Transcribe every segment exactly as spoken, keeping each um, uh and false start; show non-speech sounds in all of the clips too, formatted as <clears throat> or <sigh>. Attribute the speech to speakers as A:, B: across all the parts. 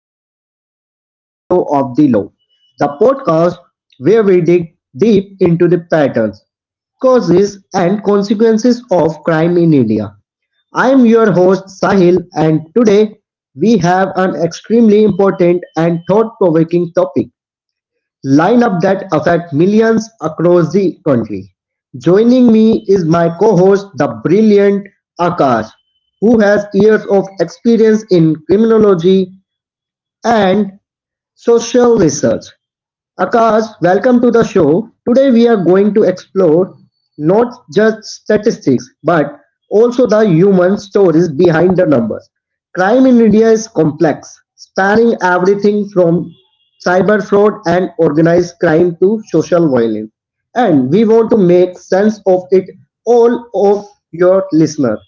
A: and welcome to Shadow of the Law, the podcast where we dig deep into the patterns, causes, and consequences of crime in India. I am your host Sahil, and today we have an extremely important and thought provoking topic lineup that affect millions across the country. Joining me is my co-host, the brilliant Akash, who has years of experience in criminology and social research. Akash, welcome to the show. Today we are going to explore not just statistics but also the human stories behind the numbers. Crime in India is complex, spanning everything from cyber fraud and organized crime to social violence. And we want to make sense of it all of your listener.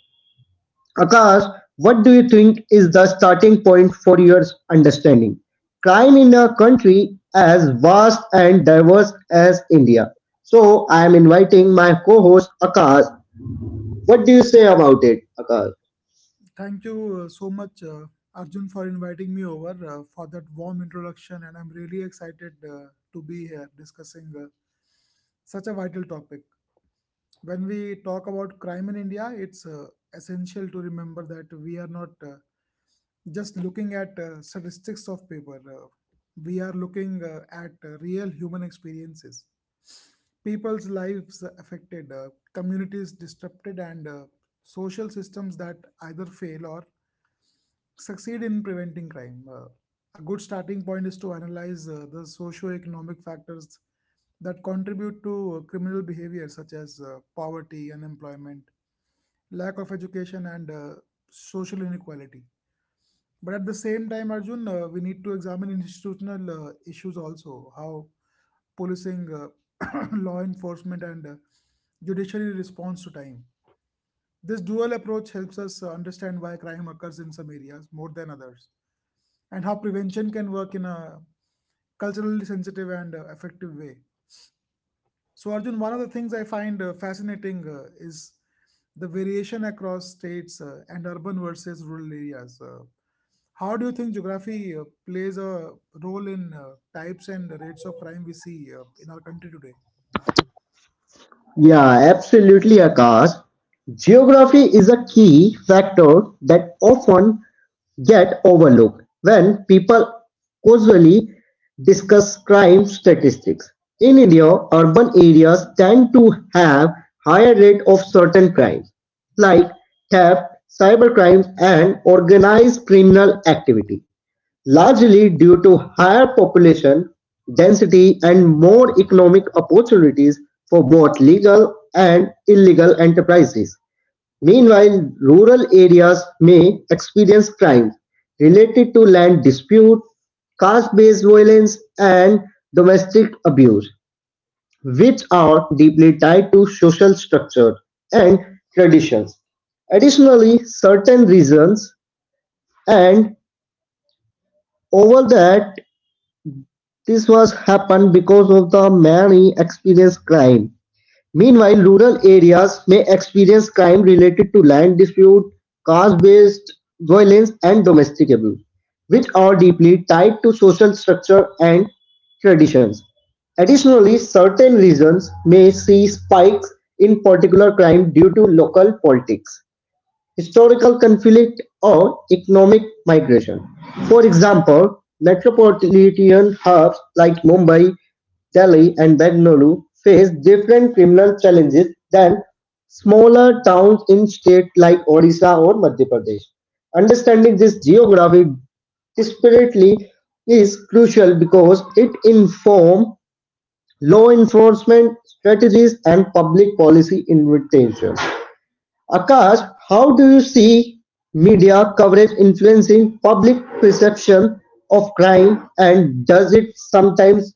A: Akash, what do you think is the starting point for your understanding? Crime in a country as vast and diverse as India. So I am inviting my co-host Akash. What do you say about it, Akash?
B: Thank you uh, so much, uh, Arjun, for inviting me over uh, for that warm introduction. And I'm really excited uh, to be here discussing uh, such a vital topic. When we talk about crime in India, it's uh, essential to remember that we are not uh, just looking at uh, statistics of paper, uh, we are looking uh, at uh, real human experiences. People's lives affected, uh, communities disrupted, and uh, social systems that either fail or succeed in preventing crime. Uh, a good starting point is to analyze uh, the socio-economic factors that contribute to uh, criminal behavior, such as uh, poverty, unemployment, lack of education, and uh, social inequality. But at the same time, Arjun, uh, we need to examine institutional uh, issues also, how policing, uh, <coughs> <clears throat> law enforcement, and uh, judiciary responds to time. This dual approach helps us uh, understand why crime occurs in some areas more than others and how prevention can work in a culturally sensitive and uh, effective way. So, Arjun, one of the things I find uh, fascinating uh, is the variation across states uh, and urban versus rural areas. Uh, how do you think geography uh, plays a role in uh, types and rates of crime we see uh, in our country today?
A: Yeah, absolutely, Akash. Geography is a key factor that often get overlooked when people casually discuss crime statistics. In India, urban areas tend to have higher rate of certain crimes like theft, cybercrime and organized criminal activity, largely due to higher population density and more economic opportunities for both legal and illegal enterprises. Meanwhile, rural areas may experience crimes related to land dispute, caste-based violence, and domestic abuse, which are deeply tied to social structure and traditions. Additionally, certain reasons and over that this was happened because of the many experienced crime. Meanwhile, rural areas may experience crime related to land dispute, caste-based violence, and domestic abuse, which are deeply tied to social structure and traditions. Additionally, certain regions may see spikes in particular crime due to local politics, historical conflict, or economic migration. For example, metropolitan hubs like Mumbai, Delhi, and Bengaluru face different criminal challenges than smaller towns in states like Odisha or Madhya Pradesh. Understanding this geography disparately is crucial because it informs law enforcement strategies and public policy intervention. Akash, how do you see media coverage influencing public perception of crime, and does it sometimes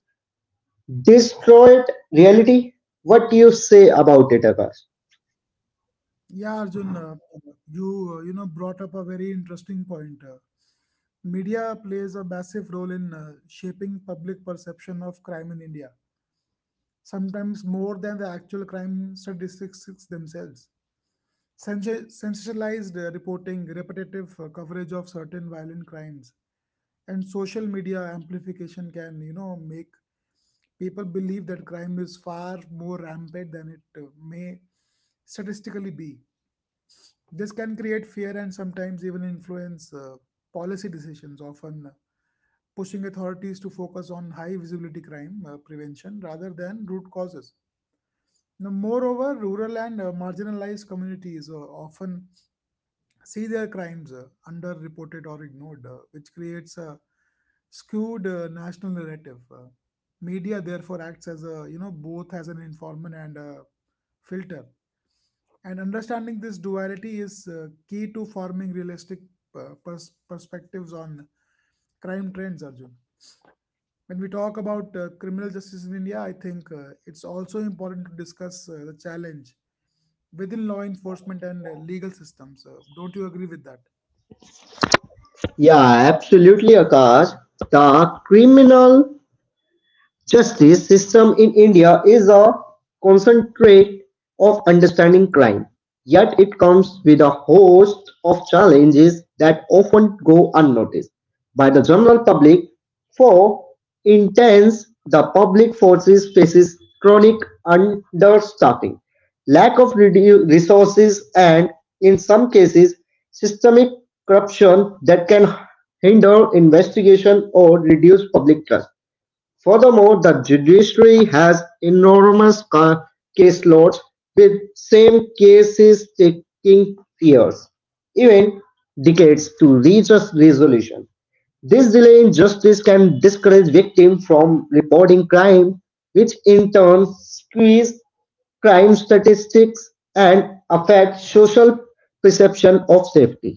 A: distort reality? What do you say about it, Akash?
B: Yeah, Arjun, uh, you uh, you know brought up a very interesting point. Uh, media plays a massive role in uh, shaping public perception of crime in India, sometimes more than the actual crime statistics themselves. Sensa- Sensationalized uh, reporting, repetitive uh, coverage of certain violent crimes, and social media amplification can, you know, make people believe that crime is far more rampant than it uh, may statistically be. This can create fear and sometimes even influence uh, policy decisions, often uh, pushing authorities to focus on high visibility crime uh, prevention rather than root causes. Now, moreover, rural and uh, marginalized communities uh, often see their crimes uh, underreported or ignored, uh, which creates a skewed uh, national narrative. Uh, media therefore acts as a, you know, both as an informant and a filter. And understanding this duality is uh, key to forming realistic uh, pers- perspectives on crime trends, Arjun. When we talk about uh, criminal justice in India, I think uh, it's also important to discuss uh, the challenge within law enforcement and uh, legal systems. Uh, don't you agree with that?
A: Yeah, absolutely, Akash. The criminal Justice system in India is a concentrate of understanding crime, yet it comes with a host of challenges that often go unnoticed by the general public. For intense, the public forces faces chronic understaffing, lack of redu- resources, and in some cases, systemic corruption that can hinder investigation or reduce public trust. Furthermore, the judiciary has enormous ca- caseloads, with same cases taking years, even decades, to reach a resolution. This delay in justice can discourage victims from reporting crime, which in turn squeeze crime statistics and affect social perception of safety.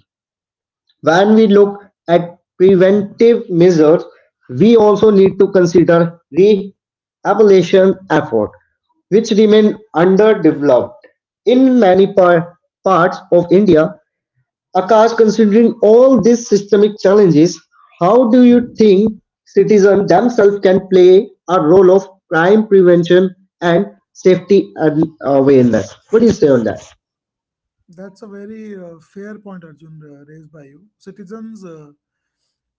A: When we look at preventive measures, we also need to consider rehabilitation efforts, which remain underdeveloped in many par- parts of India. Akash, considering all these systemic challenges, how do you think citizens themselves can play a role of crime prevention and safety and awareness? What do you say on that?
B: That's a very uh, fair point, Arjun, uh, raised by you. Citizens, uh,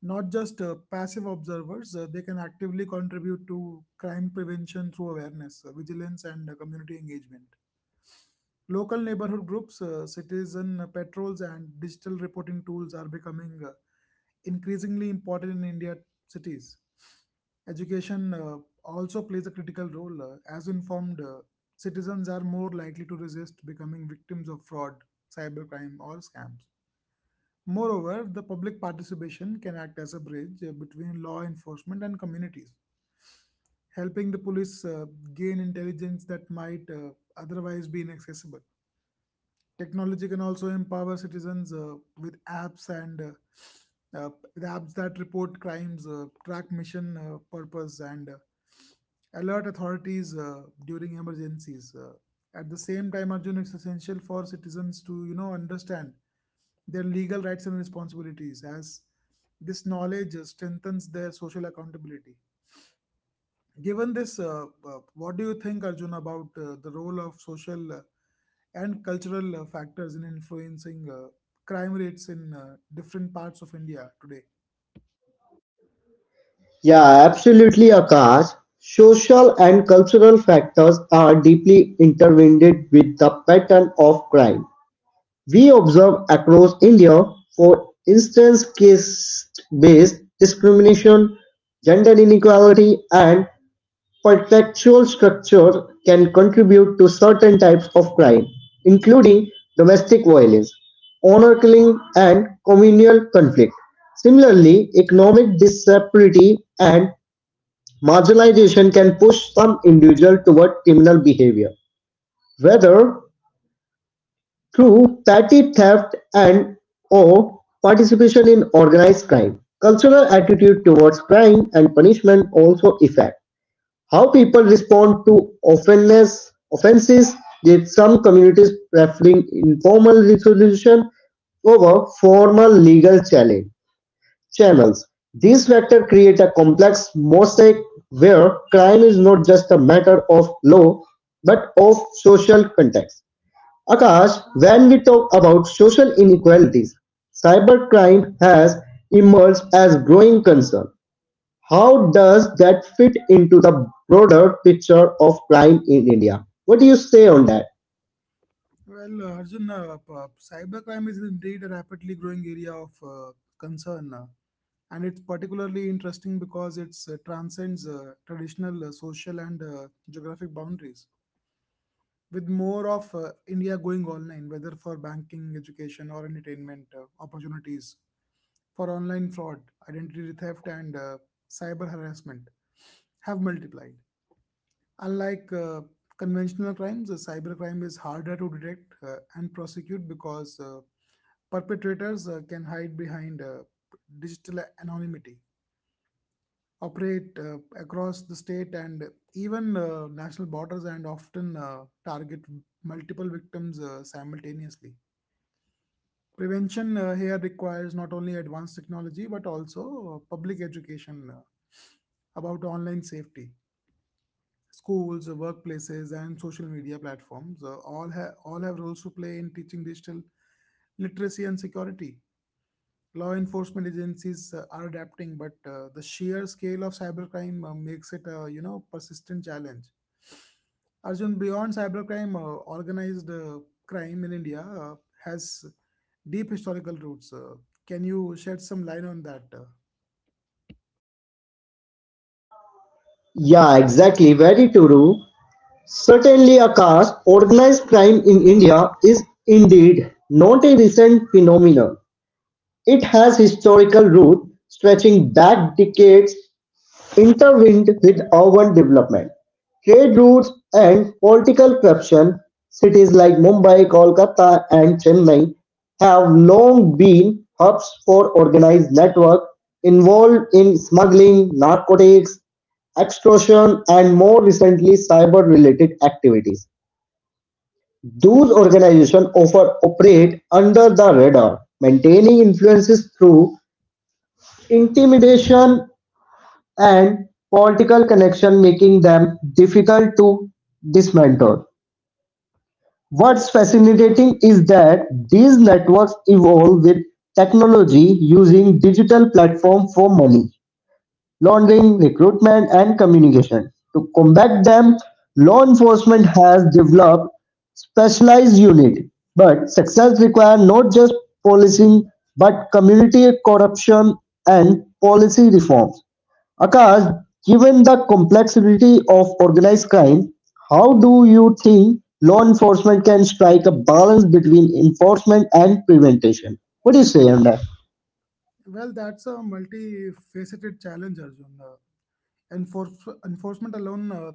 B: not just uh, passive observers, uh, they can actively contribute to crime prevention through awareness, uh, vigilance, and uh, community engagement. Local neighborhood groups, uh, citizen patrols, and digital reporting tools are becoming uh, increasingly important in India cities. Education uh, also plays a critical role, uh, as informed uh, citizens are more likely to resist becoming victims of fraud, cybercrime, or scams. Moreover, the public participation can act as a bridge uh, between law enforcement and communities, helping the police uh, gain intelligence that might uh, otherwise be inaccessible. Technology can also empower citizens uh, with apps and uh, uh, with apps that report crimes, uh, track mission uh, purpose, and uh, alert authorities uh, during emergencies. Uh, at the same time, Arjun, it's essential for citizens to, you know, understand their legal rights and responsibilities, as this knowledge uh, strengthens their social accountability. Given this, uh, uh, what do you think, Arjun, about uh, the role of social uh, and cultural uh, factors in influencing uh, crime rates in uh, different parts of India today?
A: Yeah, absolutely, Akash. Social and cultural factors are deeply intertwined with the pattern of crime. We observe across India, for instance, caste based discrimination, gender inequality, and pretextual structures can contribute to certain types of crime, including domestic violence, honor killing, and communal conflict. Similarly, economic disparity and Marginalization can push some individuals toward criminal behavior, whether through petty theft and or participation in organized crime. Cultural attitude towards crime and punishment also affect how people respond to offenses. Offenses with some communities preferring informal resolution over formal legal challenge channels. These factors create a complex mosaic where crime is not just a matter of law but of social context. Akash, when we talk about social inequalities, cybercrime has emerged as growing concern. How does that fit into the broader picture of crime in India? What do you say on that?
B: Well, uh, Arjun, uh, p- uh, cybercrime is indeed a rapidly growing area of uh, concern, uh, and it's particularly interesting because it uh, transcends uh, traditional uh, social and uh, geographic boundaries. With more of uh, India going online, whether for banking, education, or entertainment uh, opportunities, for online fraud, identity theft, and uh, cyber harassment have multiplied. Unlike uh, conventional crimes, uh, cybercrime is harder to detect uh, and prosecute because uh, perpetrators uh, can hide behind uh, digital anonymity, operate uh, across the state and even uh, national borders, and often uh, target multiple victims uh, simultaneously. Prevention uh, here requires not only advanced technology but also uh, public education uh, about online safety. Schools, workplaces, and social media platforms uh, all, have all have roles to play in teaching digital literacy and security. Law enforcement agencies uh, are adapting, but uh, the sheer scale of cybercrime uh, makes it a, you know, persistent challenge. Arjun, beyond cybercrime, uh, organized uh, crime in India uh, has deep historical roots. Uh, can you shed some light on that? Uh,
A: Yeah, exactly. Very true. Certainly a caste, organised crime in India is indeed not a recent phenomenon. It has historical roots stretching back decades, intertwined with urban development, trade routes, and political corruption. Cities like Mumbai, Kolkata, and Chennai have long been hubs for organized networks involved in smuggling, narcotics, extortion, and more recently cyber related activities. Those organizations often operate under the radar, maintaining influences through intimidation and political connection, making them difficult to dismantle. What's fascinating is that these networks evolve with technology using digital platforms for money laundering, recruitment, and communication. To combat them, law enforcement has developed specialized unit. But success requires not just policing, but community corruption and policy reform. Akash, given the complexity of organized crime, how do you think law enforcement can strike a balance between enforcement and prevention? What do you say on that?
B: well, that's a multifaceted challenge, Arjun. Uh, Enforce, enforcement alone uh,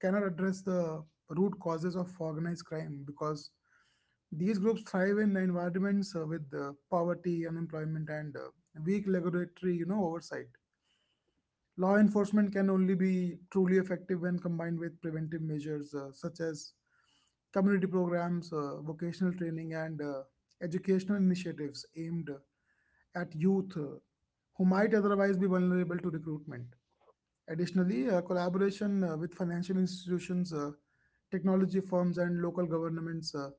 B: cannot address the root causes of organized crime because these groups thrive in environments uh, with uh, poverty, unemployment, and uh, weak regulatory, you know, oversight. Law enforcement can only be truly effective when combined with preventive measures uh, such as community programs, uh, vocational training, and uh, educational initiatives aimed at youth uh, who might otherwise be vulnerable to recruitment. Additionally, uh, collaboration uh, with financial institutions, uh, technology firms, and local governments uh,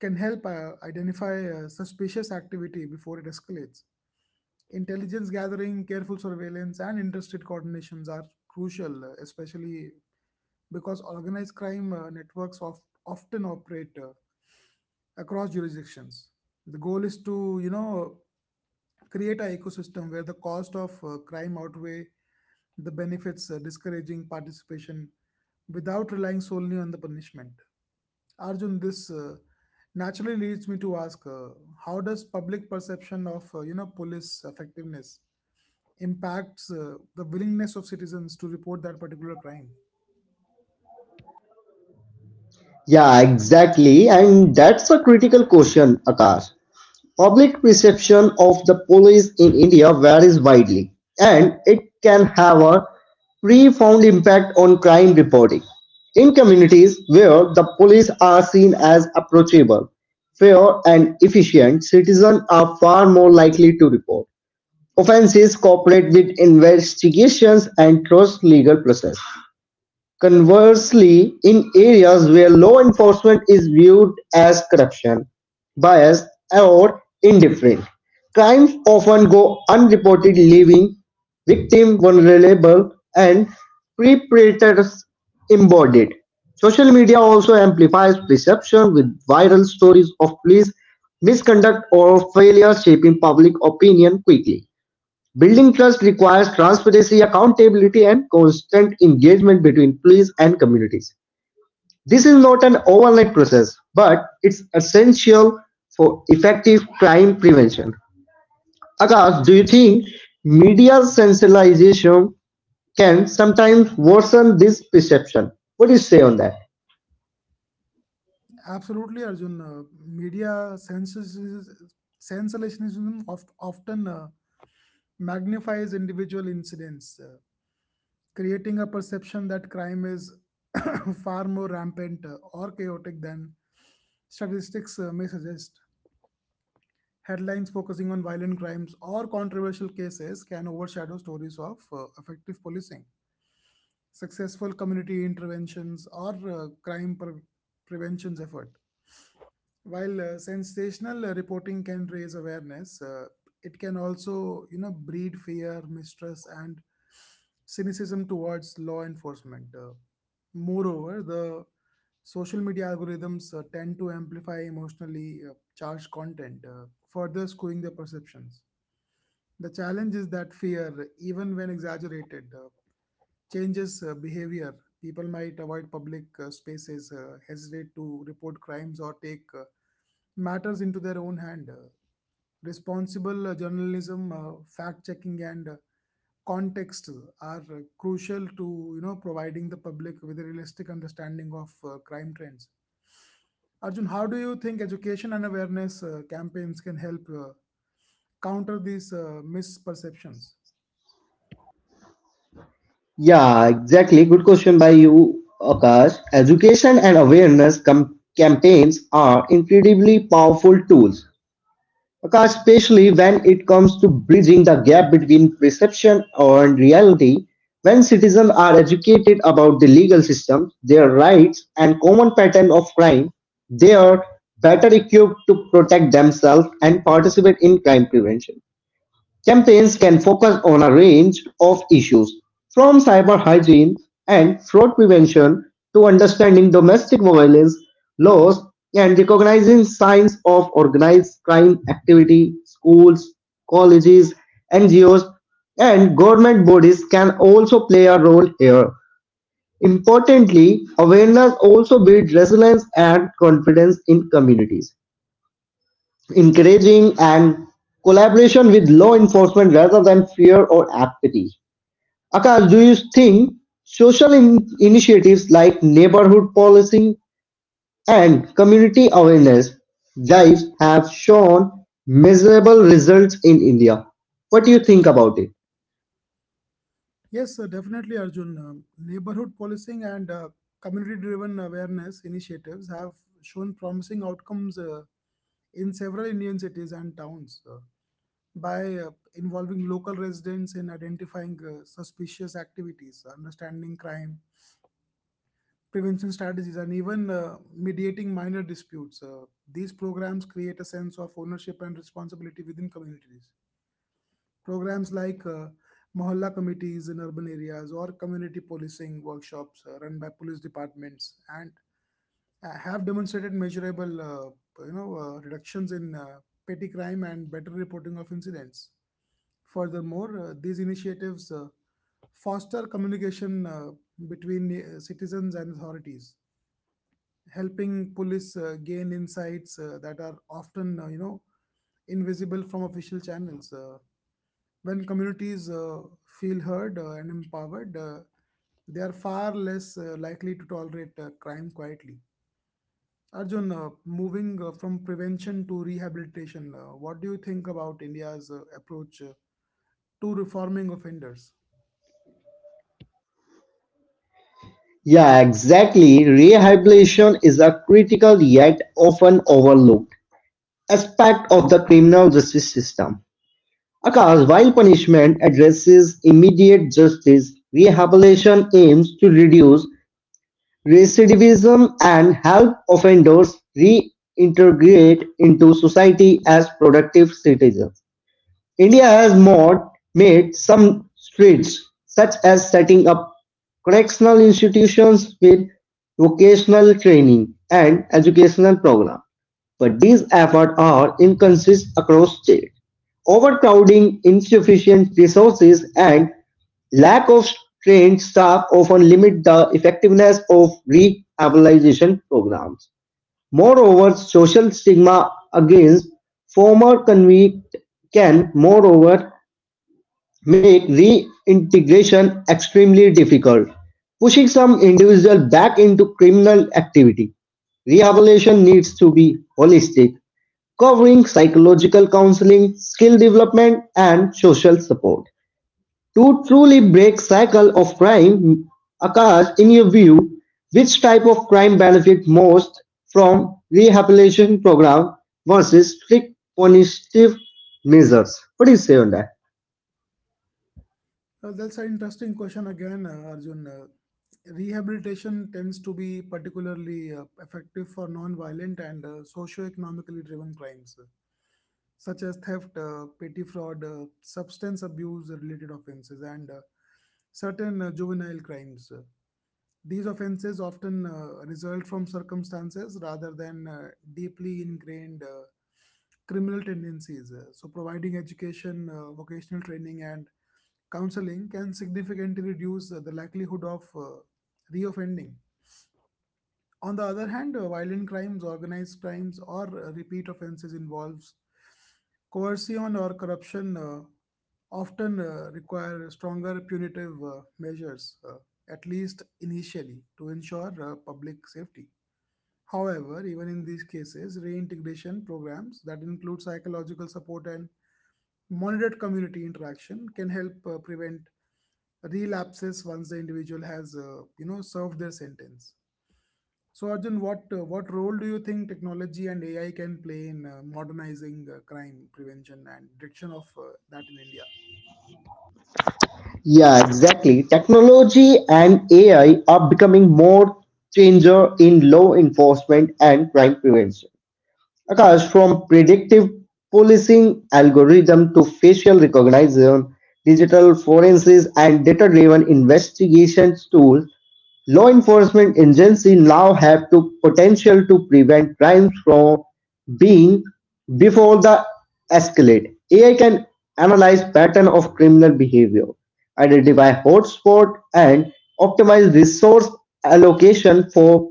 B: can help uh, identify uh, suspicious activity before it escalates. Intelligence gathering, careful surveillance, and interstate coordinations are crucial, uh, especially because organized crime uh, networks of, often operate uh, across jurisdictions. The goal is to, you know, create an ecosystem where the cost of uh, crime outweigh the benefits, uh, discouraging participation without relying solely on the punishment. Arjun, this uh, naturally leads me to ask: uh, how does public perception of, uh, you know, police effectiveness impacts uh, the willingness of citizens to report that particular crime?
A: Yeah, exactly. And that's a critical question, Akash. Public perception of the police in India varies widely, and it can have a profound impact on crime reporting. In communities where the police are seen as approachable, fair, and efficient, citizens are far more likely to report offenses, cooperate with investigations, and trust legal process. Conversely, in areas where law enforcement is viewed as corruption, biased, or indifferent, crimes often go unreported, leaving victims vulnerable and perpetrators embodied. Social media also amplifies perception with viral stories of police misconduct or failure shaping public opinion quickly. Building trust requires transparency, accountability, and constant engagement between police and communities. This is not an overnight process, but it's essential for effective crime prevention. Akash, do you think media sensationalization can sometimes worsen this perception? What do you say on that?
B: Absolutely, Arjun. Uh, media sensationalism oft- often uh, magnifies individual incidents, uh, creating a perception that crime is <coughs> <clears throat> far more rampant uh, or chaotic than statistics uh, may suggest. Headlines focusing on violent crimes or controversial cases can overshadow stories of uh, effective policing, successful community interventions, or uh, crime pre- prevention effort. While uh, sensational uh, reporting can raise awareness, uh, it can also, you know, breed fear, mistrust, and cynicism towards law enforcement. Uh, moreover, the social media algorithms uh, tend to amplify emotionally uh, charged content, uh, further skewing the perceptions. The challenge is that fear, even when exaggerated, uh, changes uh, behavior. People might avoid public uh, spaces, uh, hesitate to report crimes, or take uh, matters into their own hand. Uh, responsible uh, journalism, uh, fact checking, and uh, context are uh, crucial to, you know, providing the public with a realistic understanding of uh, crime trends. Arjun, how do you think education and awareness uh, campaigns can help uh, counter these uh, misperceptions?
A: Yeah, exactly. Good question by you, Akash. Education and awareness com- campaigns are incredibly powerful tools. Especially when it comes to bridging the gap between perception and reality, when citizens are educated about the legal system, their rights, and common pattern of crime, they are better equipped to protect themselves and participate in crime prevention. Campaigns can focus on a range of issues, from cyber hygiene and fraud prevention to understanding domestic violence laws and recognizing signs of organized crime activity. Schools, colleges, N G Os, and government bodies can also play a role here. Importantly, awareness also builds resilience and confidence in communities encouraging and collaboration with law enforcement rather than fear or apathy. Akash, do you think social in- initiatives like neighborhood policing and community awareness drives have shown measurable results in India? What do you think about it?
B: Yes, uh, definitely, Arjun. Um, neighborhood policing and uh, community driven awareness initiatives have shown promising outcomes uh, in several Indian cities and towns. Uh, by uh, involving local residents in identifying uh, suspicious activities, understanding crime, prevention strategies, and even uh, mediating minor disputes. Uh, these programs create a sense of ownership and responsibility within communities. Programs like uh, Mohalla committees in urban areas or community policing workshops uh, run by police departments and uh, have demonstrated measurable uh, you know uh, reductions in uh, petty crime and better reporting of incidents. Furthermore, uh, these initiatives uh, foster communication uh, between uh, citizens and authorities, helping police uh, gain insights uh, that are often, uh, you know, invisible from official channels. Uh, when communities uh, feel heard uh, and empowered, uh, they are far less uh, likely to tolerate uh, crime quietly. Arjun, uh, moving uh, from prevention to rehabilitation, uh, what do you think about India's uh, approach uh, to reforming offenders?
A: Yeah, exactly. Rehabilitation is a critical yet often overlooked aspect of the criminal justice system. Akash, while punishment addresses immediate justice, rehabilitation aims to reduce recidivism and help offenders reintegrate into society as productive citizens. India has more, made some strides, such as setting up correctional institutions with vocational training and educational programs but these efforts are inconsistent across states. Overcrowding, insufficient resources, and lack of trained staff often limit the effectiveness of rehabilitation programs. Moreover, social stigma against former convicts can, moreover, make reintegration extremely difficult, pushing some individuals back into criminal activity. Rehabilitation needs to be holistic, covering psychological counseling, skill development, and social support. To truly break cycle of crime, Akash, in your view, which type of crime benefit most from rehabilitation program versus strict punitive measures? What do you say on that?
B: Uh, that's an interesting question again, uh, Arjun. Uh, rehabilitation tends to be particularly uh, effective for non-violent and uh, socio-economically driven crimes, uh, such as theft, uh, petty fraud, uh, substance abuse-related offenses, and uh, certain uh, juvenile crimes. Uh, these offenses often uh, result from circumstances rather than uh, deeply ingrained uh, criminal tendencies. Uh, So, providing education, uh, vocational training, and counseling can significantly reduce uh, the likelihood of uh, reoffending. On the other hand, uh, violent crimes, organized crimes, or uh, repeat offenses involves coercion or corruption uh, often uh, require stronger punitive uh, measures, uh, at least initially, to ensure uh, public safety. However, even in these cases, reintegration programs that include psychological support and monitored community interaction can help uh, prevent relapses once the individual has, uh, you know, served their sentence. So Arjun, what uh, what role do you think technology and A I can play in uh, modernizing uh, crime prevention and detection of uh, that in India?
A: Yeah, exactly. Technology and A I are becoming more changer in law enforcement and crime prevention. Occurs from predictive policing algorithms to facial recognition, digital forensics, and data-driven investigation tools. Law enforcement agencies now have the potential to prevent crimes from being before the escalate. A I can analyze pattern of criminal behavior, identify hotspot, and optimize resource allocation for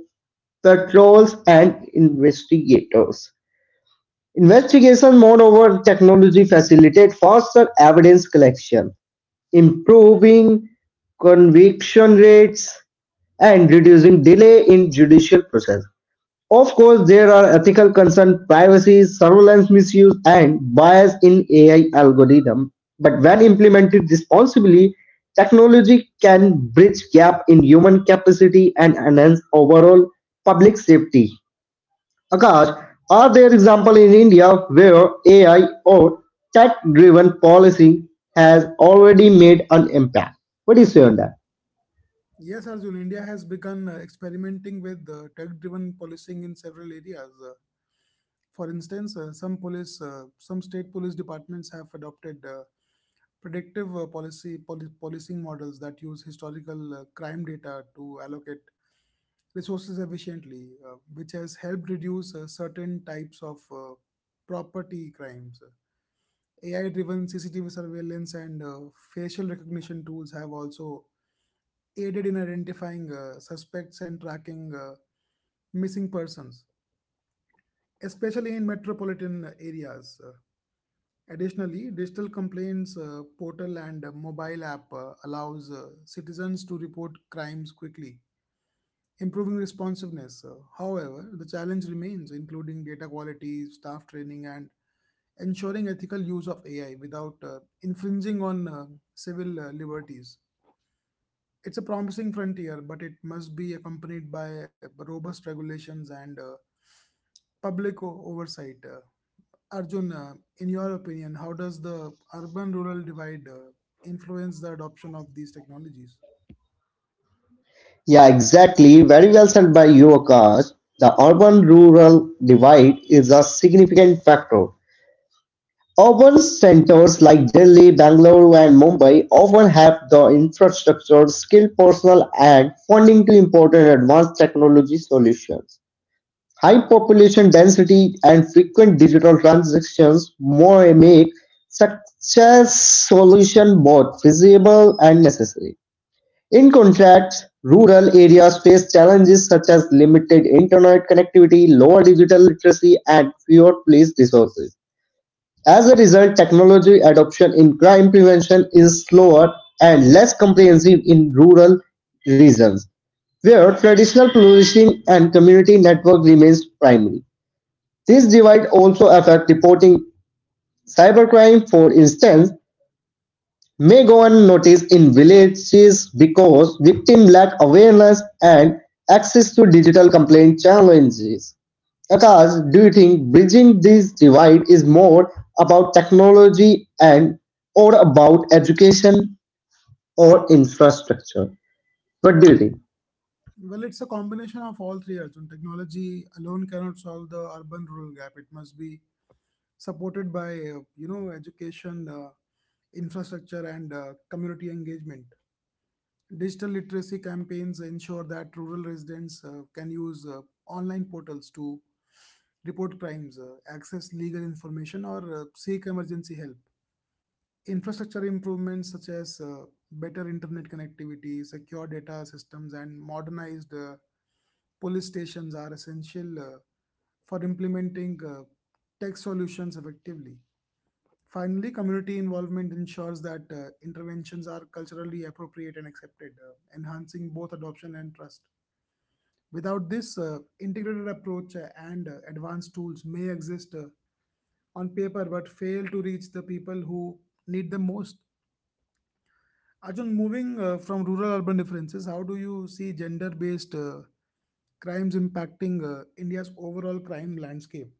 A: patrols and investigators. Investigation moreover technology facilitate faster evidence collection, improving conviction rates and reducing delay in judicial process. Of course, there are ethical concerns, privacy, surveillance misuse, and bias in A I algorithm. But when implemented responsibly, technology can bridge gap in human capacity and enhance overall public safety. Akash, are there examples in India where A I or tech-driven policy has already made an impact? What do you say on that?
B: Yes, Arjun, India has begun uh, experimenting with uh, tech-driven policing in several areas. Uh, for instance, uh, some police, uh, some state police departments have adopted uh, predictive uh, policy poli- policing models that use historical uh, crime data to allocate resources efficiently, uh, which has helped reduce uh, certain types of uh, property crimes. A I-driven C C T V surveillance and uh, facial recognition tools have also aided in identifying uh, suspects and tracking uh, missing persons, especially in metropolitan areas. Uh, Additionally, digital complaints uh, portal and uh, mobile app uh, allows uh, citizens to report crimes quickly, improving responsiveness. Uh, however, the challenge remains, including data quality, staff training, and ensuring ethical use of A I without uh, infringing on uh, civil uh, liberties. It's a promising frontier, but it must be accompanied by robust regulations and uh, public o- oversight. Uh, Arjun, uh, in your opinion, how does the urban rural divide uh, influence the adoption of these technologies?
A: Yeah, exactly. Very well said by you, Akash. The urban-rural divide is a significant factor. Urban centers like Delhi, Bangalore, and Mumbai often have the infrastructure, skilled personnel, and funding to import and advanced technology solutions. High population density and frequent digital transactions more make such a solution both feasible and necessary. In contrast, rural areas face challenges such as limited internet connectivity, lower digital literacy, and fewer police resources. As a result, technology adoption in crime prevention is slower and less comprehensive in rural regions, where traditional policing and community network remains primary. This divide also affects reporting. Cybercrime, for instance, may go unnoticed in villages because victims lack awareness and access to digital complaint challenges. Akash, do you think bridging this divide is more about technology and or about education or infrastructure? What do you think?
B: Well, it's a combination of all three, Arjun. Technology alone cannot solve the urban rural gap. It must be supported by, uh, you know, education, uh, infrastructure, and uh, community engagement. Digital literacy campaigns ensure that rural residents uh, can use uh, online portals to report crimes, uh, access legal information, or uh, seek emergency help. Infrastructure improvements such as uh, better internet connectivity, secure data systems, and modernized uh, police stations are essential uh, for implementing uh, tech solutions effectively. Finally, community involvement ensures that uh, interventions are culturally appropriate and accepted, uh, enhancing both adoption and trust. Without this, uh, integrated approach uh, and uh, advanced tools may exist uh, on paper but fail to reach the people who need them most. Arjun, moving uh, from rural urban differences, how do you see gender based uh, crimes impacting uh, India's overall crime landscape?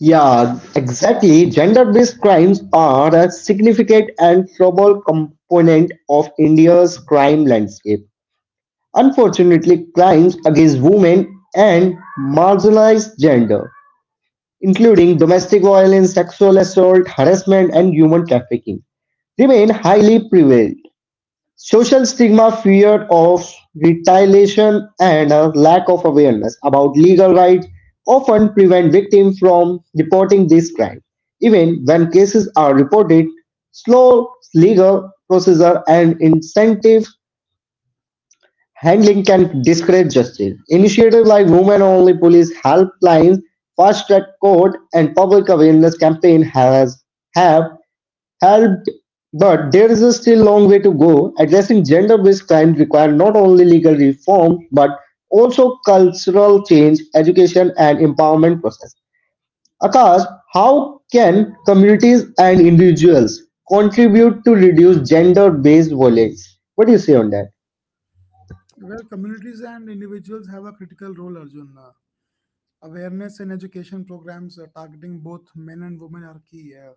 A: Yeah, exactly. Gender based crimes are a significant and trouble component of India's crime landscape. Unfortunately, crimes against women and marginalized gender, including domestic violence, sexual assault, harassment, and human trafficking, remain highly prevalent. Social stigma, fear of retaliation, and a lack of awareness about legal rights often prevent victims from reporting these crimes. Even when cases are reported, slow legal procedure and incentive handling can discourage justice. Initiatives like Women Only Police helplines, Fast Track Court, and public awareness campaign has have helped, but there is a still long way to go. Addressing gender-based crime requires not only legal reform but also cultural change, education, and empowerment process. Akash, how can communities and individuals contribute to reduce gender-based violence? What do you say on that?
B: Well, communities and individuals have a critical role, Arjun. Uh, awareness and education programs uh, targeting both men and women are key uh,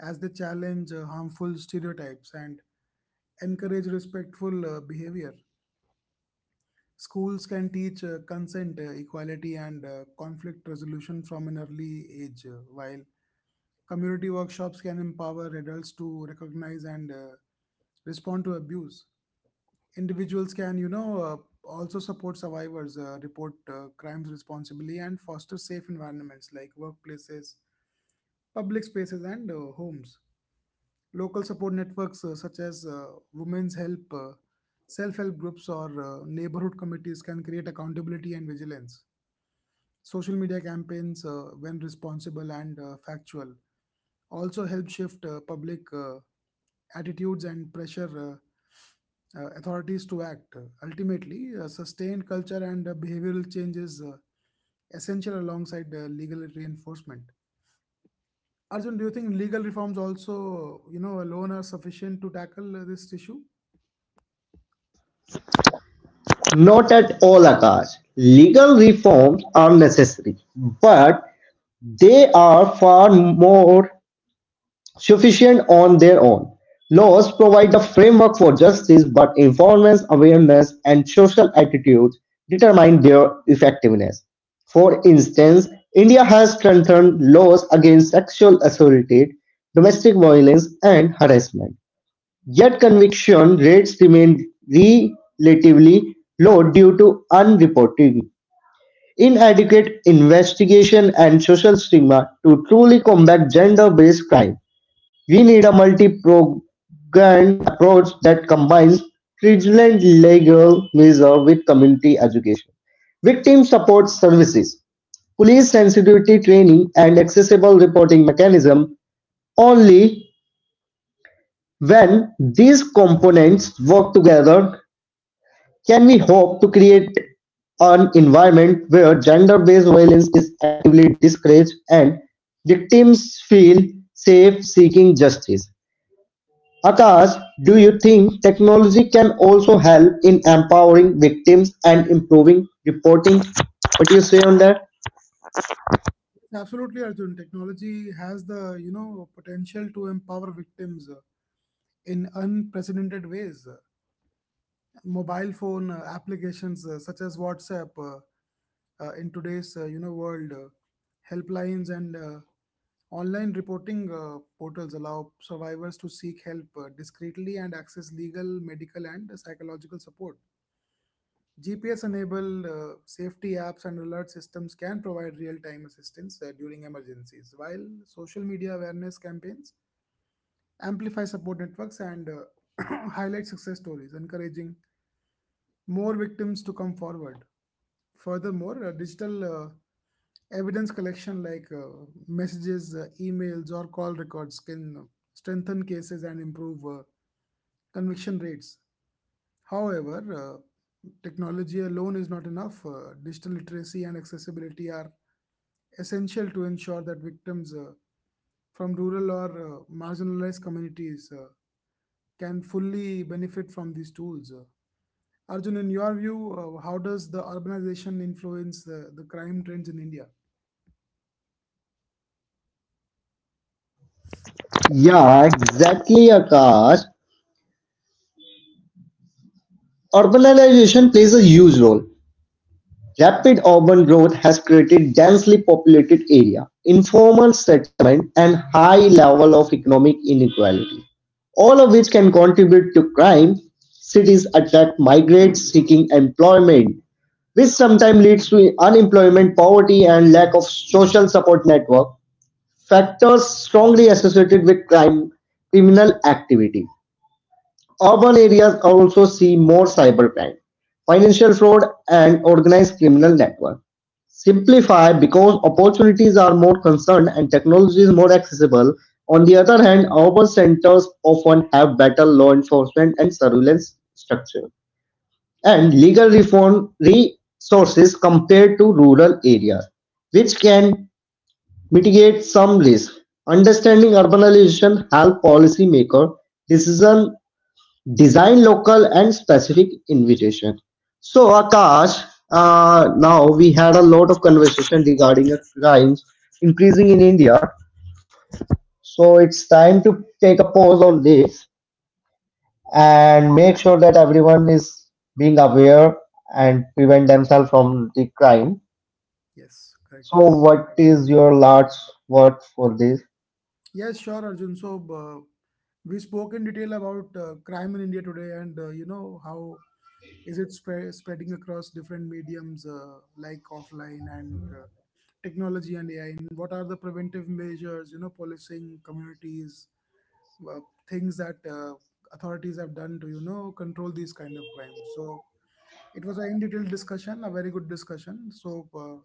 B: as they challenge uh, harmful stereotypes and encourage respectful uh, behavior. Schools can teach uh, consent, uh, equality, and uh, conflict resolution from an early age, uh, while community workshops can empower adults to recognize and uh, respond to abuse. Individuals can, you know, uh, also support survivors, uh, report uh, crimes responsibly, and foster safe environments like workplaces, public spaces, and uh, homes. Local support networks uh, such as uh, Women's Help, uh, self help groups, or uh, neighborhood committees can create accountability and vigilance. Social media campaigns, uh, when responsible and uh, factual, also help shift uh, public uh, attitudes and pressure uh, uh, authorities to act. Ultimately, uh, sustained culture and uh, behavioral change is uh, essential alongside uh, legal reinforcement. Arjun, do you think legal reforms also, you know, alone are sufficient to tackle uh, this issue?
A: Not at all, Akash. Legal reforms are necessary, but they are far more sufficient on their own. Laws provide the framework for justice, but enforcement, awareness, and social attitudes determine their effectiveness. For instance, India has strengthened laws against sexual assault, domestic violence, and harassment. Yet conviction rates remain relatively low due to unreported inadequate investigation and social stigma to truly combat gender based crime. We need a multi-pronged approach that combines stringent legal measures with community education, victim support services, police sensitivity training, and accessible reporting mechanisms. Only when these components work together can we hope to create an environment where gender-based violence is actively discouraged and victims feel safe seeking justice. Akash, do you think technology can also help in empowering victims and improving reporting? What do you say on that?
B: Absolutely, Arjun. Technology has the, you know, potential to empower victims uh, in unprecedented ways. Mobile phone uh, applications uh, such as WhatsApp, uh, uh, in today's, uh, you know world, uh, helplines and uh, online reporting uh, portals allow survivors to seek help uh, discreetly and access legal, medical and psychological support. G P S enabled uh, safety apps and alert systems can provide real time assistance uh, during emergencies, while social media awareness campaigns amplify support networks and uh, <coughs> <clears throat> highlight success stories, encouraging more victims to come forward. Furthermore, uh, digital uh, evidence collection like uh, messages, uh, emails, or call records can strengthen cases and improve uh, conviction rates. However, uh, technology alone is not enough. Uh, digital literacy and accessibility are essential to ensure that victims uh, from rural or uh, marginalized communities uh, can fully benefit from these tools. Uh, Arjun, in your view, uh, how does the urbanization influence the, the crime trends in India?
A: Yeah, exactly, Akash. Urbanization plays a huge role. Rapid urban growth has created densely populated area, informal settlement, and high level of economic inequality, all of which can contribute to crime. Cities attract migrants seeking employment, which sometimes leads to unemployment, poverty, and lack of social support network, factors strongly associated with crime, criminal activity. Urban areas also see more cybercrime, financial fraud, and organized criminal network. Simplify because opportunities are more concerned and technology is more accessible. On the other hand, urban centers often have better law enforcement and surveillance structure and legal reform resources compared to rural areas, which can mitigate some risk. Understanding urbanization help policymaker decision design local and specific invitation. So Akash, uh, now we had a lot of conversation regarding the crimes increasing in India. So it's time to take a pause on this and make sure that everyone is being aware and prevent themselves from the crime.
B: Yes,
A: So,
B: correct.
A: what is your last word for this?
B: Yes, sure, Arjun. So, uh, we spoke in detail about uh, crime in India today and, uh, you know, how is it spread, spreading across different mediums uh, like offline and uh, technology and A I, and what are the preventive measures, you know, policing communities, uh, things that uh, authorities have done to, you know, control these kind of crimes. So, it was a in detail discussion, a very good discussion. So, uh,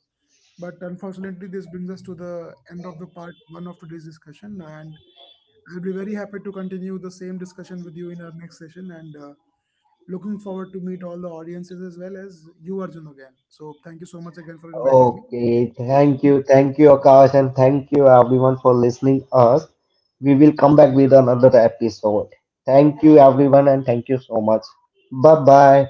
B: but unfortunately, this brings us to the end of the part one of today's discussion. And I'll be very happy to continue the same discussion with you in our next session. And uh, looking forward to meet all the audiences as well as you, Arjun, again. So, thank you so much again for inviting me.
A: Okay, thank you, thank you, Akash, and thank you everyone for listening us. We will come back with another episode. Thank you everyone, and thank you so much. Bye bye.